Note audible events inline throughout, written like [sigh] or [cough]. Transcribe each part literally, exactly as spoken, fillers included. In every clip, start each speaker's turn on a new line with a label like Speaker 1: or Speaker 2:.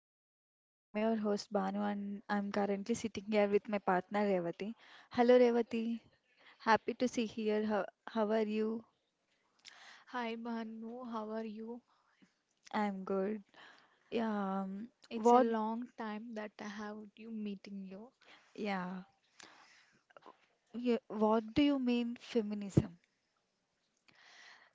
Speaker 1: the podcast. I'm your host Banu, and I'm currently sitting here with my partner Revati. Hello Revati, happy to see here. How, how are you?
Speaker 2: Hi Bhanu, how are you?
Speaker 1: I'm good. Yeah, um,
Speaker 2: It's a
Speaker 1: what
Speaker 2: long time that I have you meeting you.
Speaker 1: yeah, yeah, what do you mean feminism?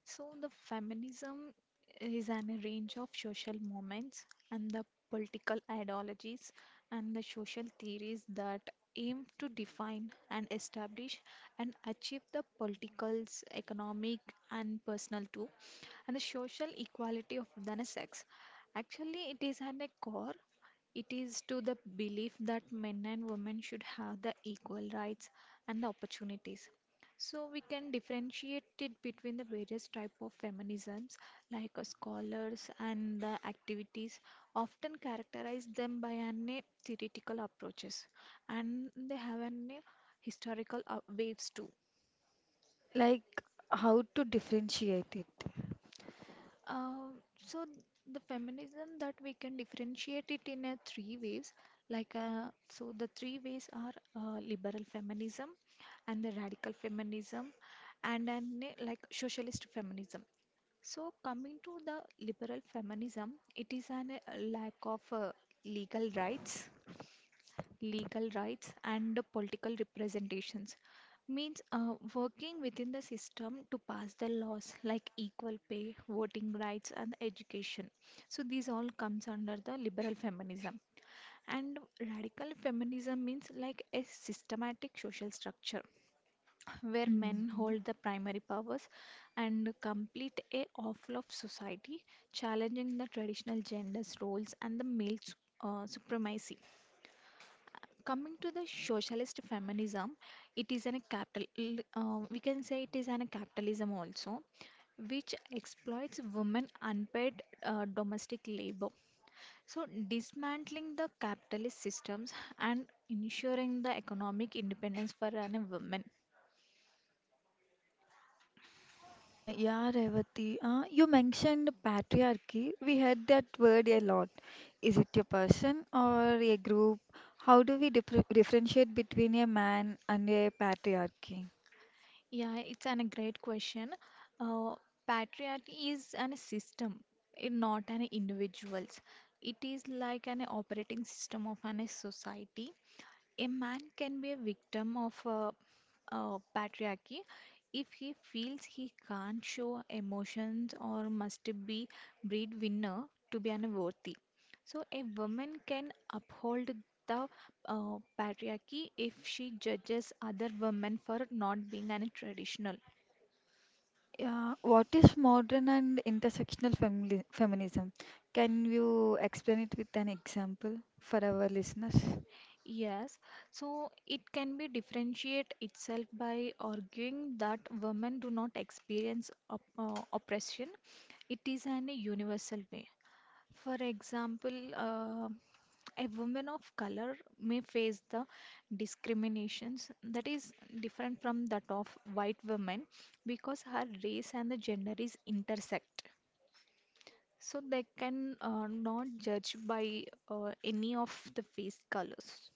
Speaker 2: So, the feminism is an a range of social movements and the political ideologies and the social theories that aim to define and establish and achieve the political, economic, and personal too, and the social equality of the sex. Actually, it is at a core. It is to the belief that men and women should have the equal rights and the opportunities. So we can differentiate it between the various type of feminisms, like uh, scholars and the activities often characterize them by an uh, theoretical approaches, and they have an uh, historical uh, waves too.
Speaker 1: Like how to differentiate it?
Speaker 2: Um, so the feminism that we can differentiate it in a three ways, like uh, so the three ways are uh, liberal feminism, and the radical feminism, and then uh, like socialist feminism. So, coming to the liberal feminism, it is an uh, lack of uh, legal rights, legal rights, and political representations. Means uh, working within the system to pass the laws like equal pay, voting rights, and education. So these all comes under the liberal feminism. And radical feminism means like a systematic social structure where men
Speaker 1: Hmm.
Speaker 2: hold the primary powers and complete a awful of society, challenging the traditional genders roles and the male su- uh, supremacy. Coming to the socialist feminism, it is an a capital. L- Uh, we can say it is an a capitalism also, which exploits women unpaid uh, domestic labor. So, dismantling the capitalist systems and ensuring the economic independence for an women.
Speaker 1: Uh, yeah, Revati. Uh, you mentioned patriarchy. We heard that word a lot. Is it a person or a group? How do we differ differentiate between a man and a patriarchy?
Speaker 2: Yeah, it's an, a great question. Uh, Patriarchy is an system, it not an individuals. It is like an operating system of an society. A man can be a victim of uh, uh, patriarchy if he feels he can't show emotions or must be breadwinner to be unworthy. So a woman can uphold the uh, patriarchy if she judges other women for not being an traditional.
Speaker 1: Yeah, what is modern and intersectional femini feminism? Can you explain it with an example for our listeners?
Speaker 2: Yes, so it can be differentiate itself by arguing that women do not experience op- uh, oppression. It is an universal way. For example, uh, a woman of color may face the discriminations that is different from that of white women because her race and the gender is intersect. So they can uh, not judge by uh, any of the face colors.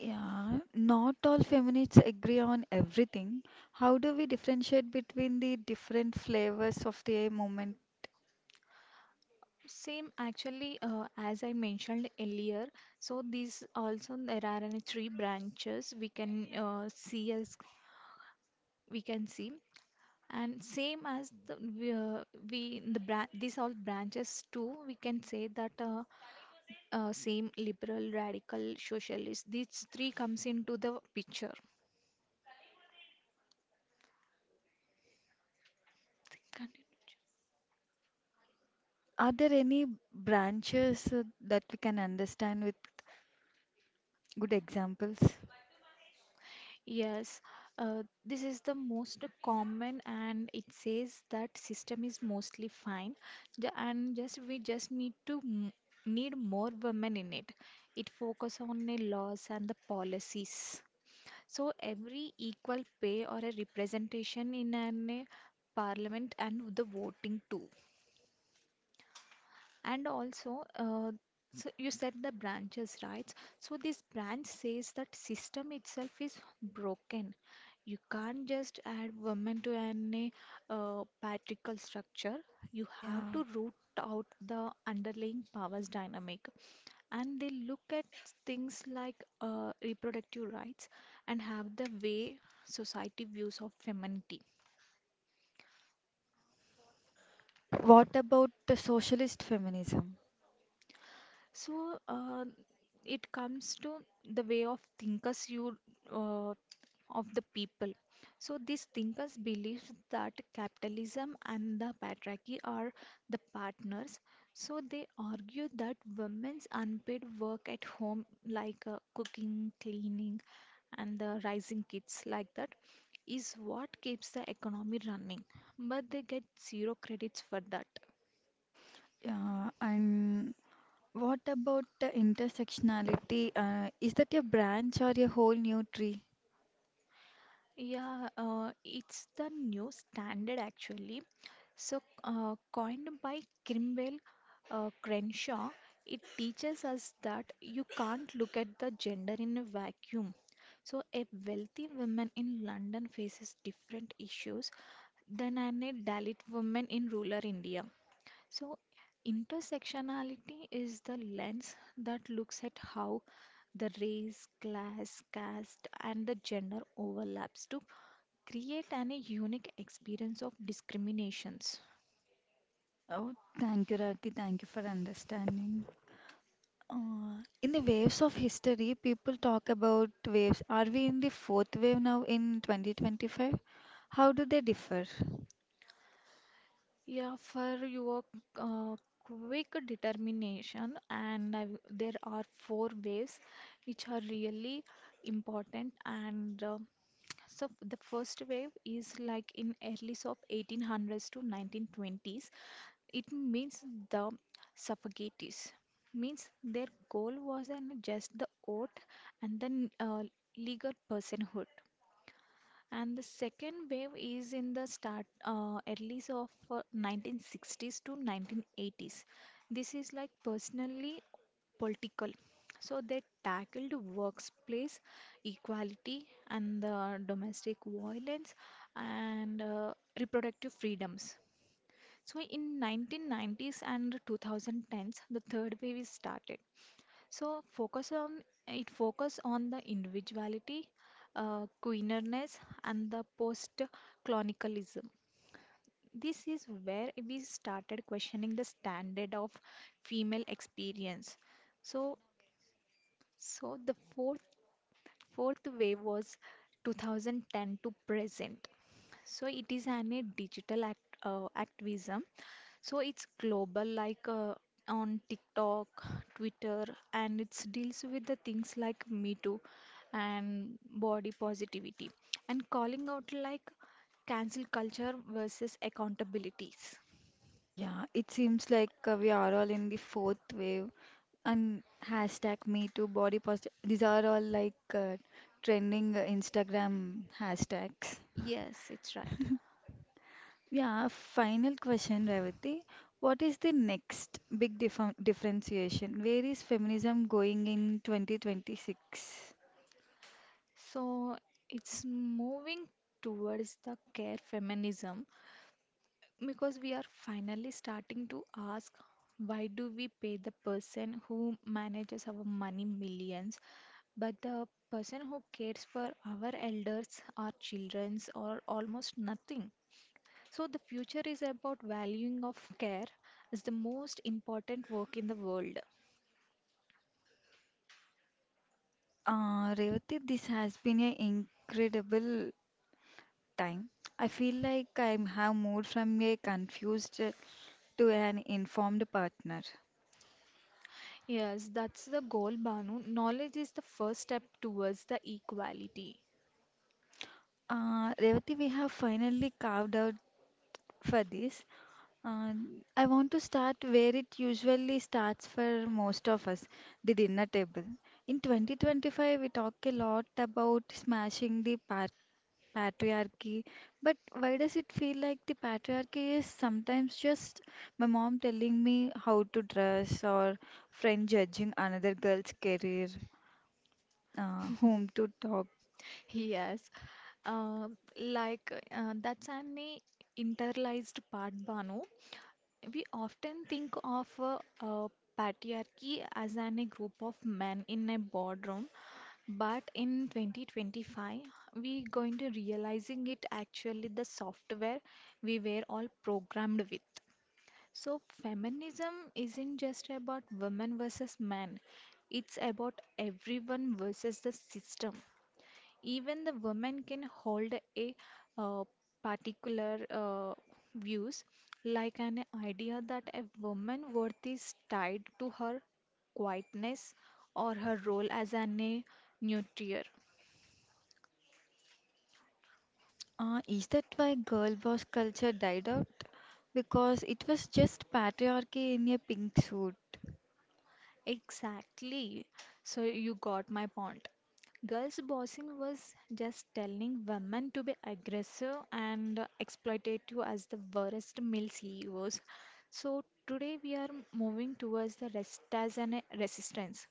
Speaker 1: Yeah, not all feminists agree on everything. How do we differentiate between the different flavors of the movement?
Speaker 2: Same actually, uh, as I mentioned earlier, so these also there are any three branches we can uh, see as we can see, and same as the we, uh, we the bran these all branches too we can say that uh, uh, same liberal, radical, socialist these three comes into the picture. Continue.
Speaker 1: Are there any branches uh, that we can understand with good examples?
Speaker 2: Yes, uh, this is the most common, and it says that system is mostly fine, Ju- and just we just need to m need more women in it. It focus on the laws and the policies. So every equal pay or a representation in an uh, parliament and the voting too. And also, uh, so you said the branches, right? So this branch says that system itself is broken. You can't just add women to any uh, patriarchal structure. You have
Speaker 1: Yeah.
Speaker 2: to root out the underlying powers dynamic. And they look at things like uh, reproductive rights and have the way society views of femininity.
Speaker 1: What about the socialist feminism?
Speaker 2: So uh, it comes to the way of thinkers you uh, of the people. So these thinkers believe that capitalism and the patriarchy are the partners. So they argue that women's unpaid work at home, like uh, cooking, cleaning, and the rising kids, like that, is what keeps the economy running. But they get zero credits for that.
Speaker 1: Yeah, and what about the intersectionality? Uh, is that a branch or a whole new tree?
Speaker 2: Yeah, uh, it's the new standard actually. So, uh, coined by Crimwell uh, Crenshaw, it teaches us that you can't look at the gender in a vacuum. So, a wealthy woman in London faces different issues than an a Dalit woman in rural India. So, intersectionality is the lens that looks at how the race, class, caste, and the gender overlaps to create an a unique experience of discriminations.
Speaker 1: Oh, thank you, Rati. Thank you for understanding. Uh, in the waves of history, people talk about waves. Are we in the fourth wave now in twenty twenty-five? How do they differ?
Speaker 2: Yeah, for your uh, quick determination, and I w- there are four ways which are really important. And uh, so the first wave is like in early so of eighteen hundreds to nineteen twenties. It means the suffragettes means their goal was an just the oath and then uh, legal personhood. And the second wave is in the start uh, earlys of uh, nineteen sixties to nineteen eighties. This is like personally political. So they tackled workplace equality and the domestic violence and uh, reproductive freedoms. So in nineteen nineties and twenty tens, the third wave is started. So focus on it focus on the individuality, uh, queerness, and the post-clonicalism. This is where we started questioning the standard of female experience. So, so the fourth fourth wave was twenty ten to present. So it is an a digital act, uh, activism. So it's global, like uh, on TikTok, Twitter, and it deals with the things like Me Too and body positivity, and calling out like cancel culture versus accountabilities.
Speaker 1: Yeah, it seems like uh, we are all in the fourth wave and hashtag me too body positive. These are all like uh, trending uh, Instagram hashtags.
Speaker 2: Yes, it's right.
Speaker 1: Yeah, final question, Revati. What is the next big dif differentiation? Where is feminism going in twenty twenty-six?
Speaker 2: So it's moving towards the care feminism, because we are finally starting to ask why do we pay the person who manages our money millions but the person who cares for our elders our children's or almost nothing. So the future is about valuing of care is the most important work in the world.
Speaker 1: Uh, Revati, this has been an incredible time. I feel like I have moved from a confused uh, to an informed partner.
Speaker 2: Yes, that's the goal, Banu. Knowledge is the first step towards the equality.
Speaker 1: Uh, Revati, we have finally carved out for this. Uh, I want to start where it usually starts for most of us, the dinner table. In twenty twenty-five, we talk a lot about smashing the par patriarchy, but why does it feel like the patriarchy is sometimes just my mom telling me how to dress or friend judging another girl's career, uh, whom to talk?
Speaker 2: Yes. Um like uh, that's an internalized part, Banu. We often think of uh, uh, patriarchy as an, a group of men in a boardroom, but in twenty twenty-five, we going to realizing it actually the software we were all programmed with. So feminism isn't just about women versus men. It's about everyone versus the system. Even the women can hold a uh, particular uh, views like an idea that a woman worth is tied to her quietness or her role as an a nurturer.
Speaker 1: Uh, is that why girl boss culture died out? Because it was just patriarchy in a pink suit.
Speaker 2: Exactly. So you got my point. Girls bossing was just telling women to be aggressive and exploitative as the worst male C E Os. So today we are moving towards the rest as an resistance.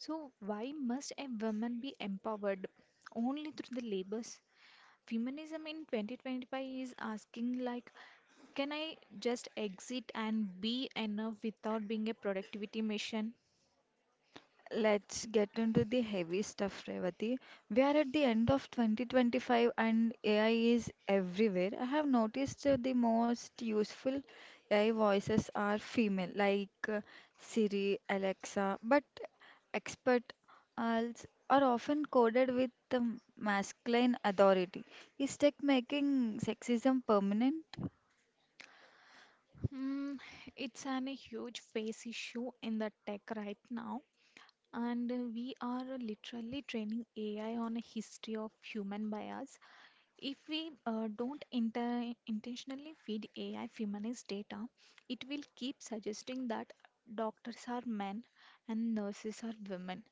Speaker 2: So why must a woman be empowered only through the labors? Feminism in twenty twenty-five is asking like, can I just exit and be enough without being a productivity machine?
Speaker 1: Let's get into the heavy stuff, Revati. We are at the end of twenty twenty-five, and A I is everywhere. I have noticed that the most useful A I voices are female, like uh, Siri, Alexa, but expert als are often coded with the masculine authority. Is tech making sexism permanent?
Speaker 2: Mm, it's an, a huge face issue in the tech right now, and uh, we are literally training A I on a history of human bias. If we uh, don't inter- intentionally feed A I feminist data, it will keep suggesting that doctors are men and nurses are women.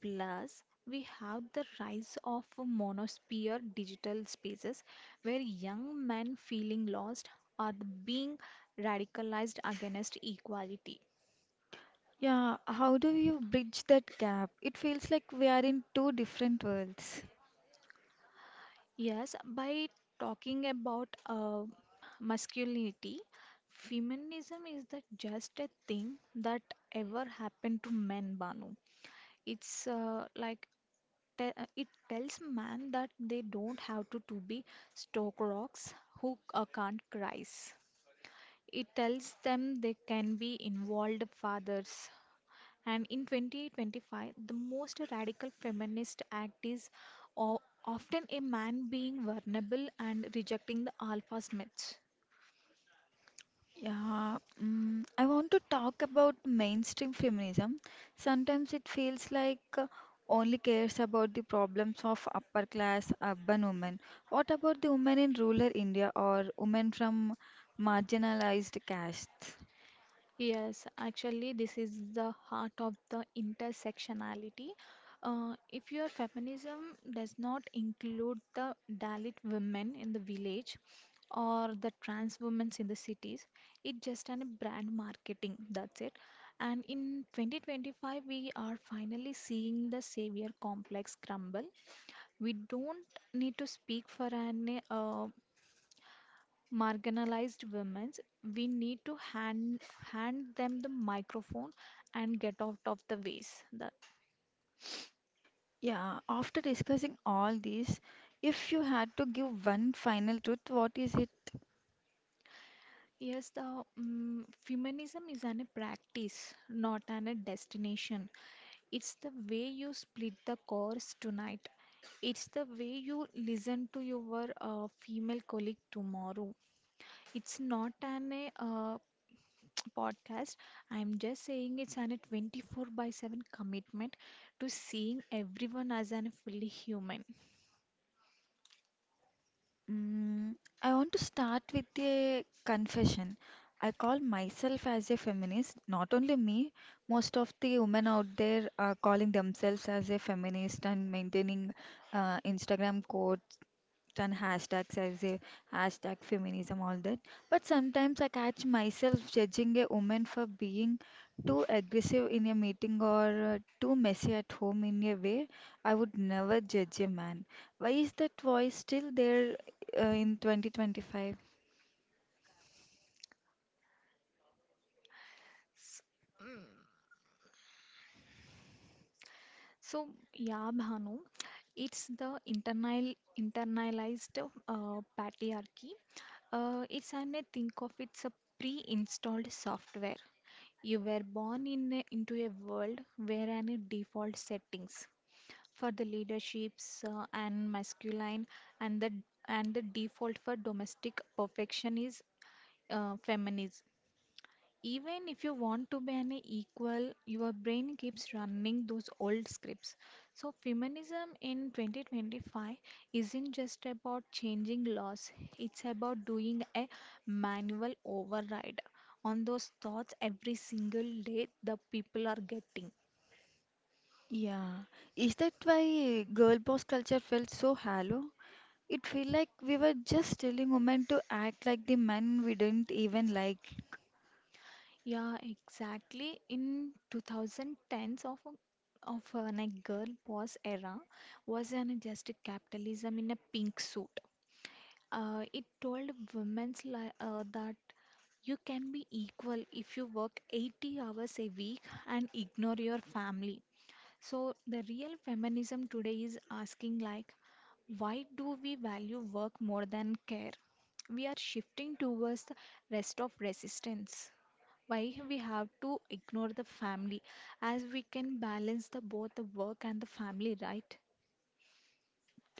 Speaker 2: Plus, we have the rise of monosphere digital spaces where young men feeling lost are being radicalized against equality.
Speaker 1: Yeah, how do you bridge that gap? It feels like we are in two different worlds.
Speaker 2: Yes, by talking about uh, masculinity, feminism is the just a thing that ever happened to men, Banu. It's uh, like te- uh, it tells man that they don't have to, to be stock rocks who uh, can't cries. It tells them they can be involved fathers. And in twenty twenty-five, the most radical feminist act is o- often a man being vulnerable and rejecting the alpha myths.
Speaker 1: Yeah, mm, I want to talk about mainstream feminism. Sometimes it feels like uh, only cares about the problems of upper class urban women. What about the women in rural India or women from marginalized castes?
Speaker 2: Yes, actually, this is the heart of the intersectionality. Uh, if your feminism does not include the Dalit women in the village or the trans women in the cities, it's just an brand marketing. That's it. And in twenty twenty-five, we are finally seeing the savior complex crumble. We don't need to speak for an uh, marginalized women, we need to hand hand them the microphone and get out of the ways. The,
Speaker 1: Yeah, after discussing all these, if you had to give one final truth, what is it?
Speaker 2: yes, the mm feminism is an a practice, not an a destination. It's the way you split the course tonight. It's the way you listen to your uh, female colleague tomorrow. It's not an a uh, podcast. I'm just saying it's an twenty-four by seven commitment to seeing everyone as an fully human.
Speaker 1: Mm, I want to start with a confession. I call myself as a feminist, not only me, most of the women out there are calling themselves as a feminist and maintaining uh, Instagram and hashtags as a hashtag feminism, all that. But sometimes I catch myself judging a woman for being too aggressive in a meeting or uh, too messy at home in a way I would never judge a man. Why is that voice still there uh, in twenty twenty-five?
Speaker 2: S- So, yeah, Bhanu, it's the internal internalized uh, patriarchy. Uh, it's an I think of it's a pre-installed software. You were born in a, into a world where an default settings for the leaderships uh, and masculine and the and the default for domestic perfection is uh, feminism. Even if you want to be an equal, your brain keeps running those old scripts. So feminism in twenty twenty-five isn't just about changing laws, it's about doing a manual override on those thoughts every single day the people are getting.
Speaker 1: Yeah. Is that why girl boss culture felt so hollow? It felt like we were just telling women to act like the men we didn't even like.
Speaker 2: Yeah, exactly. In twenty tens of of a like girl boss era was an just capitalism in a pink suit. Uh, it told women's li uh, that you can be equal if you work eighty hours a week and ignore your family. So the real feminism today is asking like, why do we value work more than care? We are shifting towards the rest of resistance. Why we have to ignore the family as we can balance the both the work and the family, right?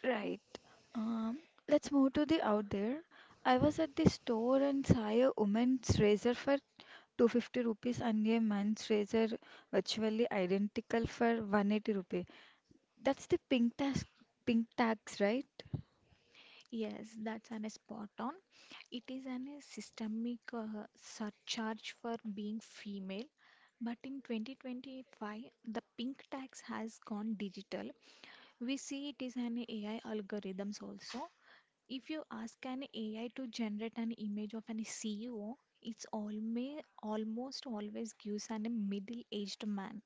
Speaker 1: Right. Um, let's move to the out there. I was at the store and saw a woman's razor for two hundred fifty rupees and a man's razor, virtually identical, for one hundred eighty rupees. That's the pink tax, pink tax, right?
Speaker 2: Yes, that's an spot on. It is an a systemic uh, surcharge for being female. But in twenty twenty-five, the pink tax has gone digital. We see it is an A I algorithms also. If you ask an A I to generate an image of an C E O, it's alme almost always gives an a middle-aged man.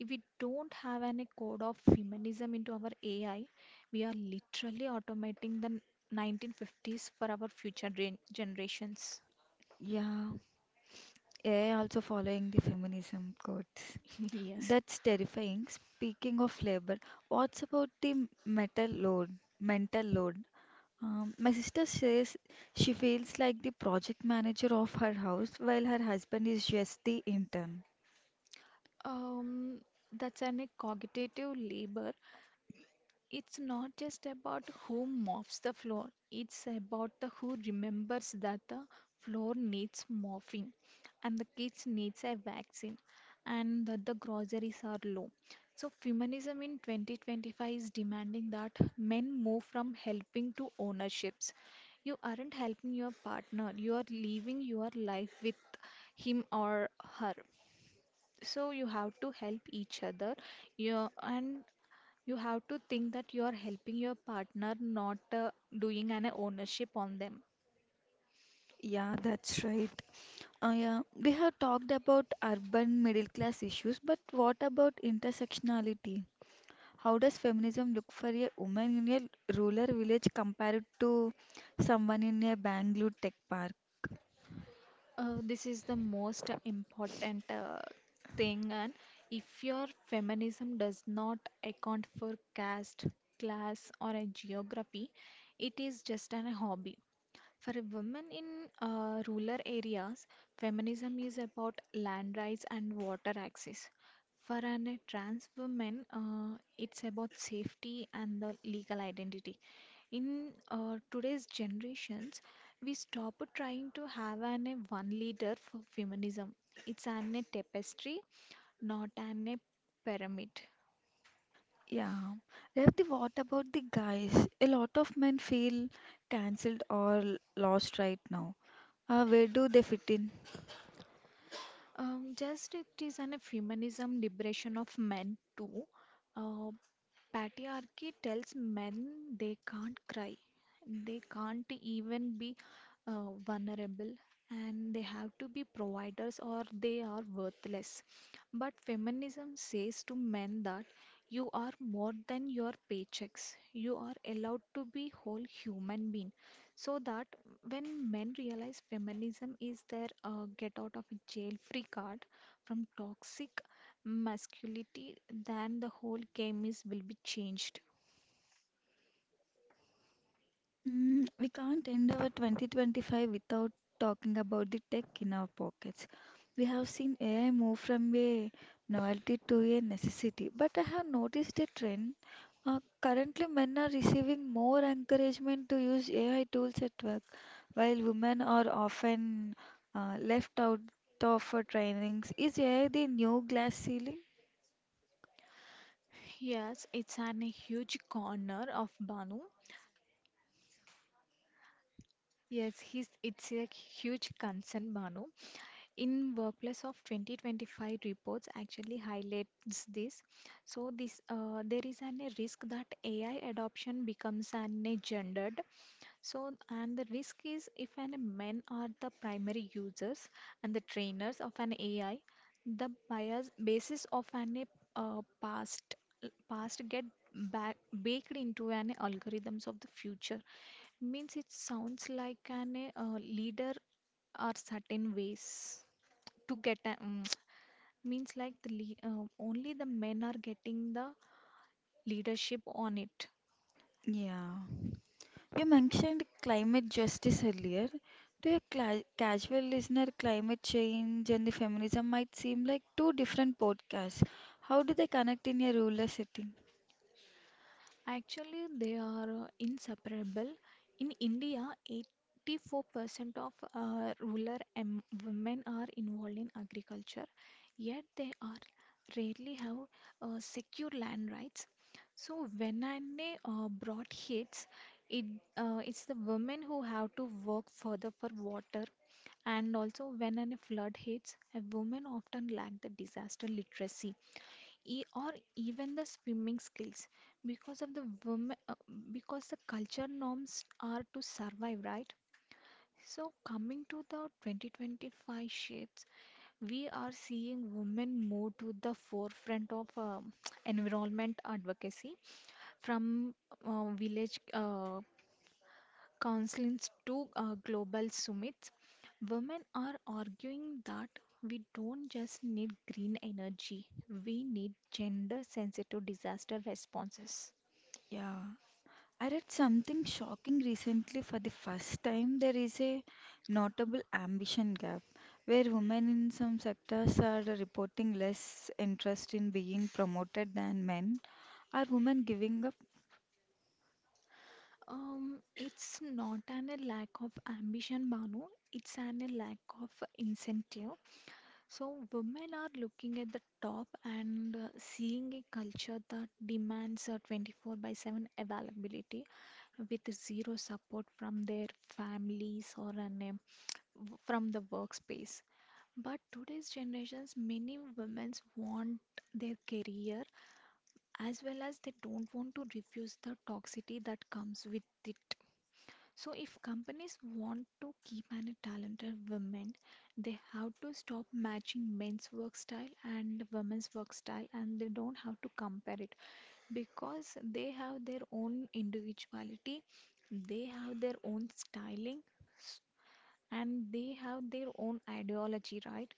Speaker 2: If we don't have any code of feminism into our A I, we are literally automating the nineteen fifties for our future gen- generations.
Speaker 1: Yeah. A I also following the feminism codes.
Speaker 2: [laughs] Yes.
Speaker 1: That's terrifying. Speaking of labor, what's about the metal load, mental load? Um, my sister says she feels like the project manager of her house while her husband is just the intern.
Speaker 2: Um, that's an a cognitive labor. It's not just about who mops the floor, it's about the who remembers that the floor needs mopping and the kids needs a vaccine and that the groceries are low. So feminism in twenty twenty-five is demanding that men move from helping to ownerships. You aren't helping your partner, you are living your life with him or her. So you have to help each other. You and you have to think that you are helping your partner, not uh, doing an ownership on them.
Speaker 1: Yeah, that's right. Uh, yeah, we have talked about urban middle class issues, but what about intersectionality? How does feminism look for a woman in a rural village compared to someone in a Bangalore tech park?
Speaker 2: Uh, this is the most important uh, thing. And if your feminism does not account for caste, class, or a geography, it is just an hobby. For a woman in uh, rural areas, feminism is about land rights and water access. For an, a trans woman, uh, it's about safety and the legal identity. In uh, today's generations, we stop trying to have an a one leader for feminism. It's an a tapestry, not an a pyramid.
Speaker 1: Yeah. Revati, what about the guys? A lot of men feel cancelled or lost right now. Uh, where do they fit in?
Speaker 2: Um, just it is an a feminism liberation of men too. Uh, Patriarchy tells men they can't cry, they can't even be uh, vulnerable, and they have to be providers or they are worthless. But feminism says to men that you are more than your paychecks. You are allowed to be whole human being. So that when men realize feminism is their uh, get out of jail free card from toxic masculinity, then the whole game is will be changed.
Speaker 1: Mm, we can't end our twenty twenty-five without talking about the tech in our pockets. We have seen A I move from a novelty to a necessity, but I have noticed a trend. Uh, currently, men are receiving more encouragement to use A I tools at work, while women are often uh, left out of uh, trainings. Is A I the new glass ceiling?
Speaker 2: Yes, it's an, a huge corner of Banu. Yes, he's, it's a huge concern, Banu. In Workplace of twenty twenty-five reports actually highlights this. So this uh, there is an, a risk that A I adoption becomes an a gendered. So, and the risk is if an men are the primary users and the trainers of an A I, the bias basis of an uh, past past get back baked into an algorithms of the future. Means it sounds like an uh, leader are certain ways to get a, um, [tsk] means like the lead, uh, only the men are getting the leadership on it.
Speaker 1: Yeah. You mentioned climate justice earlier. To a cla casual listener, climate change and the feminism might seem like two different podcasts. How do they connect in a rural setting?
Speaker 2: Actually, they are uh, inseparable. In India, eighty-four percent of uh, rural em- women are involved in agriculture, yet they are rarely have uh, secure land rights. So when I uh, brought hits, it uh, it's the women who have to work further for water, and also when a flood hits, a woman often lack the disaster literacy e- or even the swimming skills because of the women uh, because the culture norms are to survive, right? So coming to the twenty twenty-five shifts, we are seeing women move to the forefront of um [tsk] environment advocacy from uh, village uh, counselings to uh, global summits. Women are arguing that we don't just need green energy, we need gender sensitive disaster responses.
Speaker 1: Yeah, I read something shocking recently. For the first time, there is a notable ambition gap where women in some sectors are reporting less interest in being promoted than men. Are women giving up?
Speaker 2: Um, it's not an a lack of ambition, Manu. It's an a lack of incentive. So women are looking at the top and uh, seeing a culture that demands a twenty-four by seven availability with zero support from their families or an w- from the workspace. But today's generations, many women want their career as well as they don't want to refuse the toxicity that comes with it. So, if companies want to keep any talented women, they have to stop matching men's work style and women's work style, and they don't have to compare it because they have their own individuality, they have their own styling and they have their own ideology, right?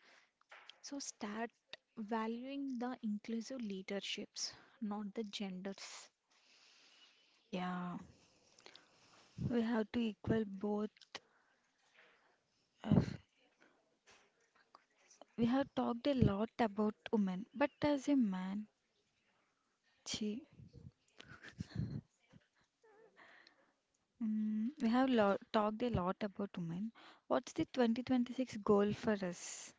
Speaker 2: So start valuing the inclusive leaderships, not the genders.
Speaker 1: Yeah, we have to equal both. Uh, We have talked a lot about women, but as a man, gee, mm, we have lo talked a lot about women. What's the twenty twenty-six goal for us?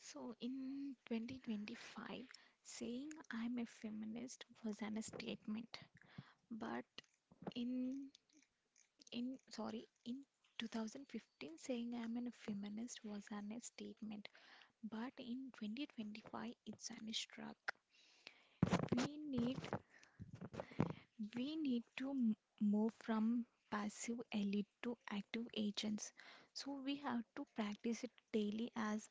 Speaker 2: So in twenty twenty-five, saying I'm a feminist was an statement, but in in sorry, in twenty fifteen saying I'm a feminist was an statement, but in twenty twenty-five it's an struck. We need We need to m- move from passive elite to active agents. So we have to practice it daily as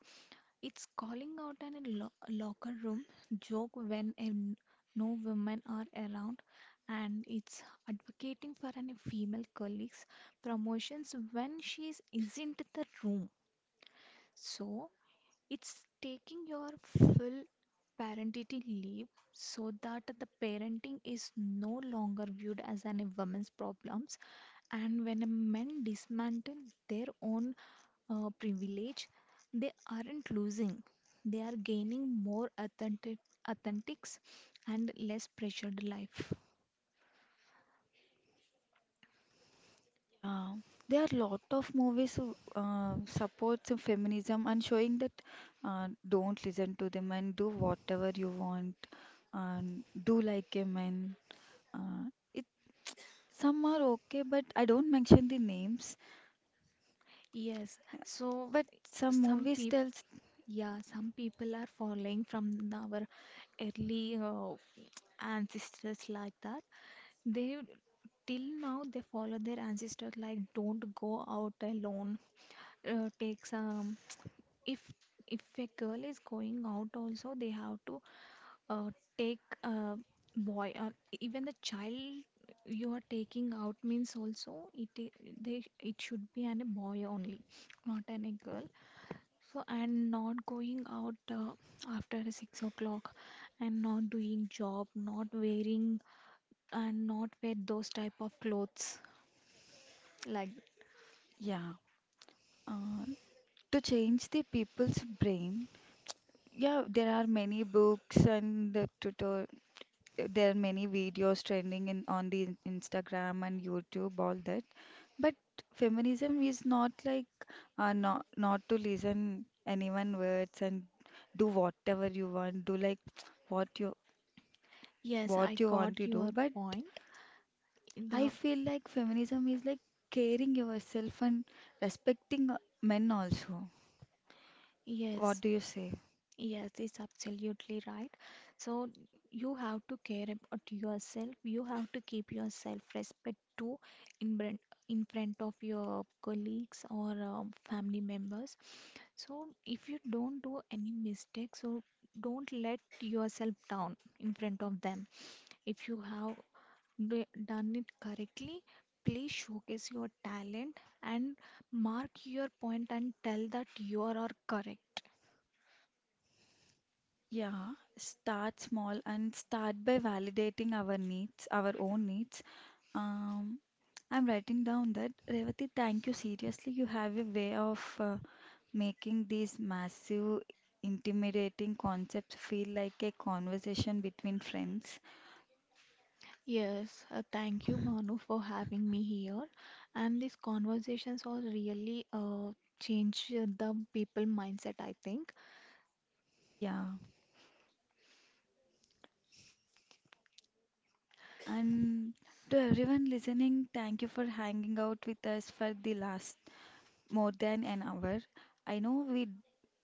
Speaker 2: it's calling out in a lo- locker room joke when a n- no women are around, and it's advocating for any female colleagues promotions when she is, isn't in the room. So it's taking your full parenting leave so that the parenting is no longer viewed as an a woman's problems, and when a men dismantle their own uh, privilege, they aren't losing, they are gaining more authentic authentics and less pressured life.
Speaker 1: Yeah, there are a lot of movies who uh, supports of feminism and showing that uh, don't listen to them and do whatever you want and do like a man. Uh, it some are okay, but I don't mention the names.
Speaker 2: Yes, so
Speaker 1: But some
Speaker 2: some
Speaker 1: movies
Speaker 2: people,
Speaker 1: tells
Speaker 2: yeah, some people are following from the- our early uh, ancestors like that. They Till now they follow their ancestor like don't go out alone. Uh, take some if if a girl is going out also they have to uh, take a boy or even the child you are taking out means also it I- they it should be an a boy only, not an a girl. So and not going out uh, after six o'clock and not doing job, not wearing and not wear those type of clothes. Like,
Speaker 1: yeah. Uh, to change the people's brain. Yeah, there are many books and the tutor, there are many videos trending in on the Instagram and YouTube, all that. But feminism is not like uh, not not to listen anyone words and do whatever you want, do like what you
Speaker 2: yes,
Speaker 1: what
Speaker 2: I
Speaker 1: you
Speaker 2: got
Speaker 1: want to do.
Speaker 2: your
Speaker 1: But
Speaker 2: point.
Speaker 1: I
Speaker 2: The
Speaker 1: feel like feminism is like caring yourself and respecting uh, men also. What
Speaker 2: Yes,
Speaker 1: do you say?
Speaker 2: yes, it's absolutely right. So you have to care about yourself. You have to keep yourself respect too, in front in front of your colleagues or um, family members. So if you don't do any mistakes, so don't let yourself down in front of them. If you have do- done it correctly, please showcase your talent and mark your point and tell that you are correct.
Speaker 1: Yeah, start small and start by validating our needs, our own needs. Um, I'm writing down that Revati, thank you. Seriously, you have a way of uh, making these massive, intimidating concepts feel like a conversation between friends.
Speaker 2: Yes, uh, thank you, Banu, for having me here. And these conversations are really uh, change uh, the people mindset, I think.
Speaker 1: Yeah, and to everyone listening, thank you for hanging out with us for the last more than an hour. I know we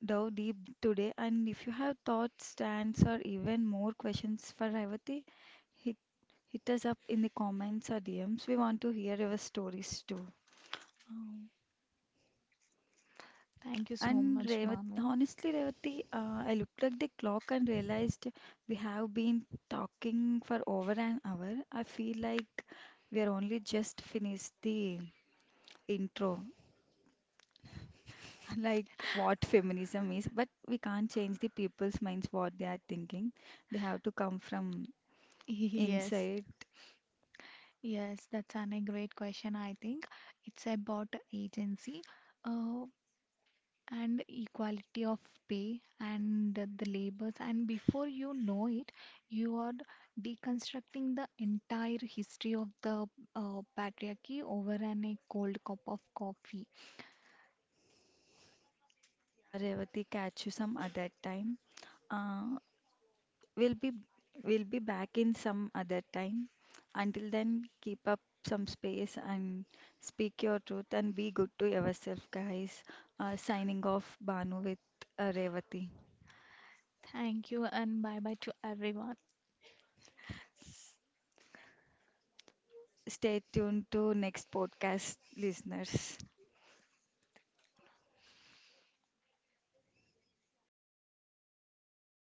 Speaker 1: dove deep today, and if you have thoughts, stands, or even more questions for Revati, hit, hit us up in the comments or D Ms. We want to hear your stories too. Um,
Speaker 2: Thank you so
Speaker 1: and
Speaker 2: much,
Speaker 1: Revat,
Speaker 2: Banu.
Speaker 1: honestly, Revati, uh, I looked at the clock and realized we have been talking for over an hour. I feel like we are only just finished the intro. Like what feminism is, but we can't change the people's minds what they are thinking. They have to come from
Speaker 2: [laughs] Yes.
Speaker 1: inside.
Speaker 2: Yes, that's an, a great question, I think. It's about agency. Uh, and equality of pay and the labors and before you know it you are deconstructing the entire history of the uh, patriarchy over an a cold cup of coffee.
Speaker 1: Yeah, Revati, catch you some other time. Uh, we'll be we'll be back in some other time. Until then, keep up some space and speak your truth and be good to yourself, guys. Uh, signing off, Banu with uh, Revati.
Speaker 2: Thank you and bye bye to everyone.
Speaker 1: Stay tuned to next podcast, listeners.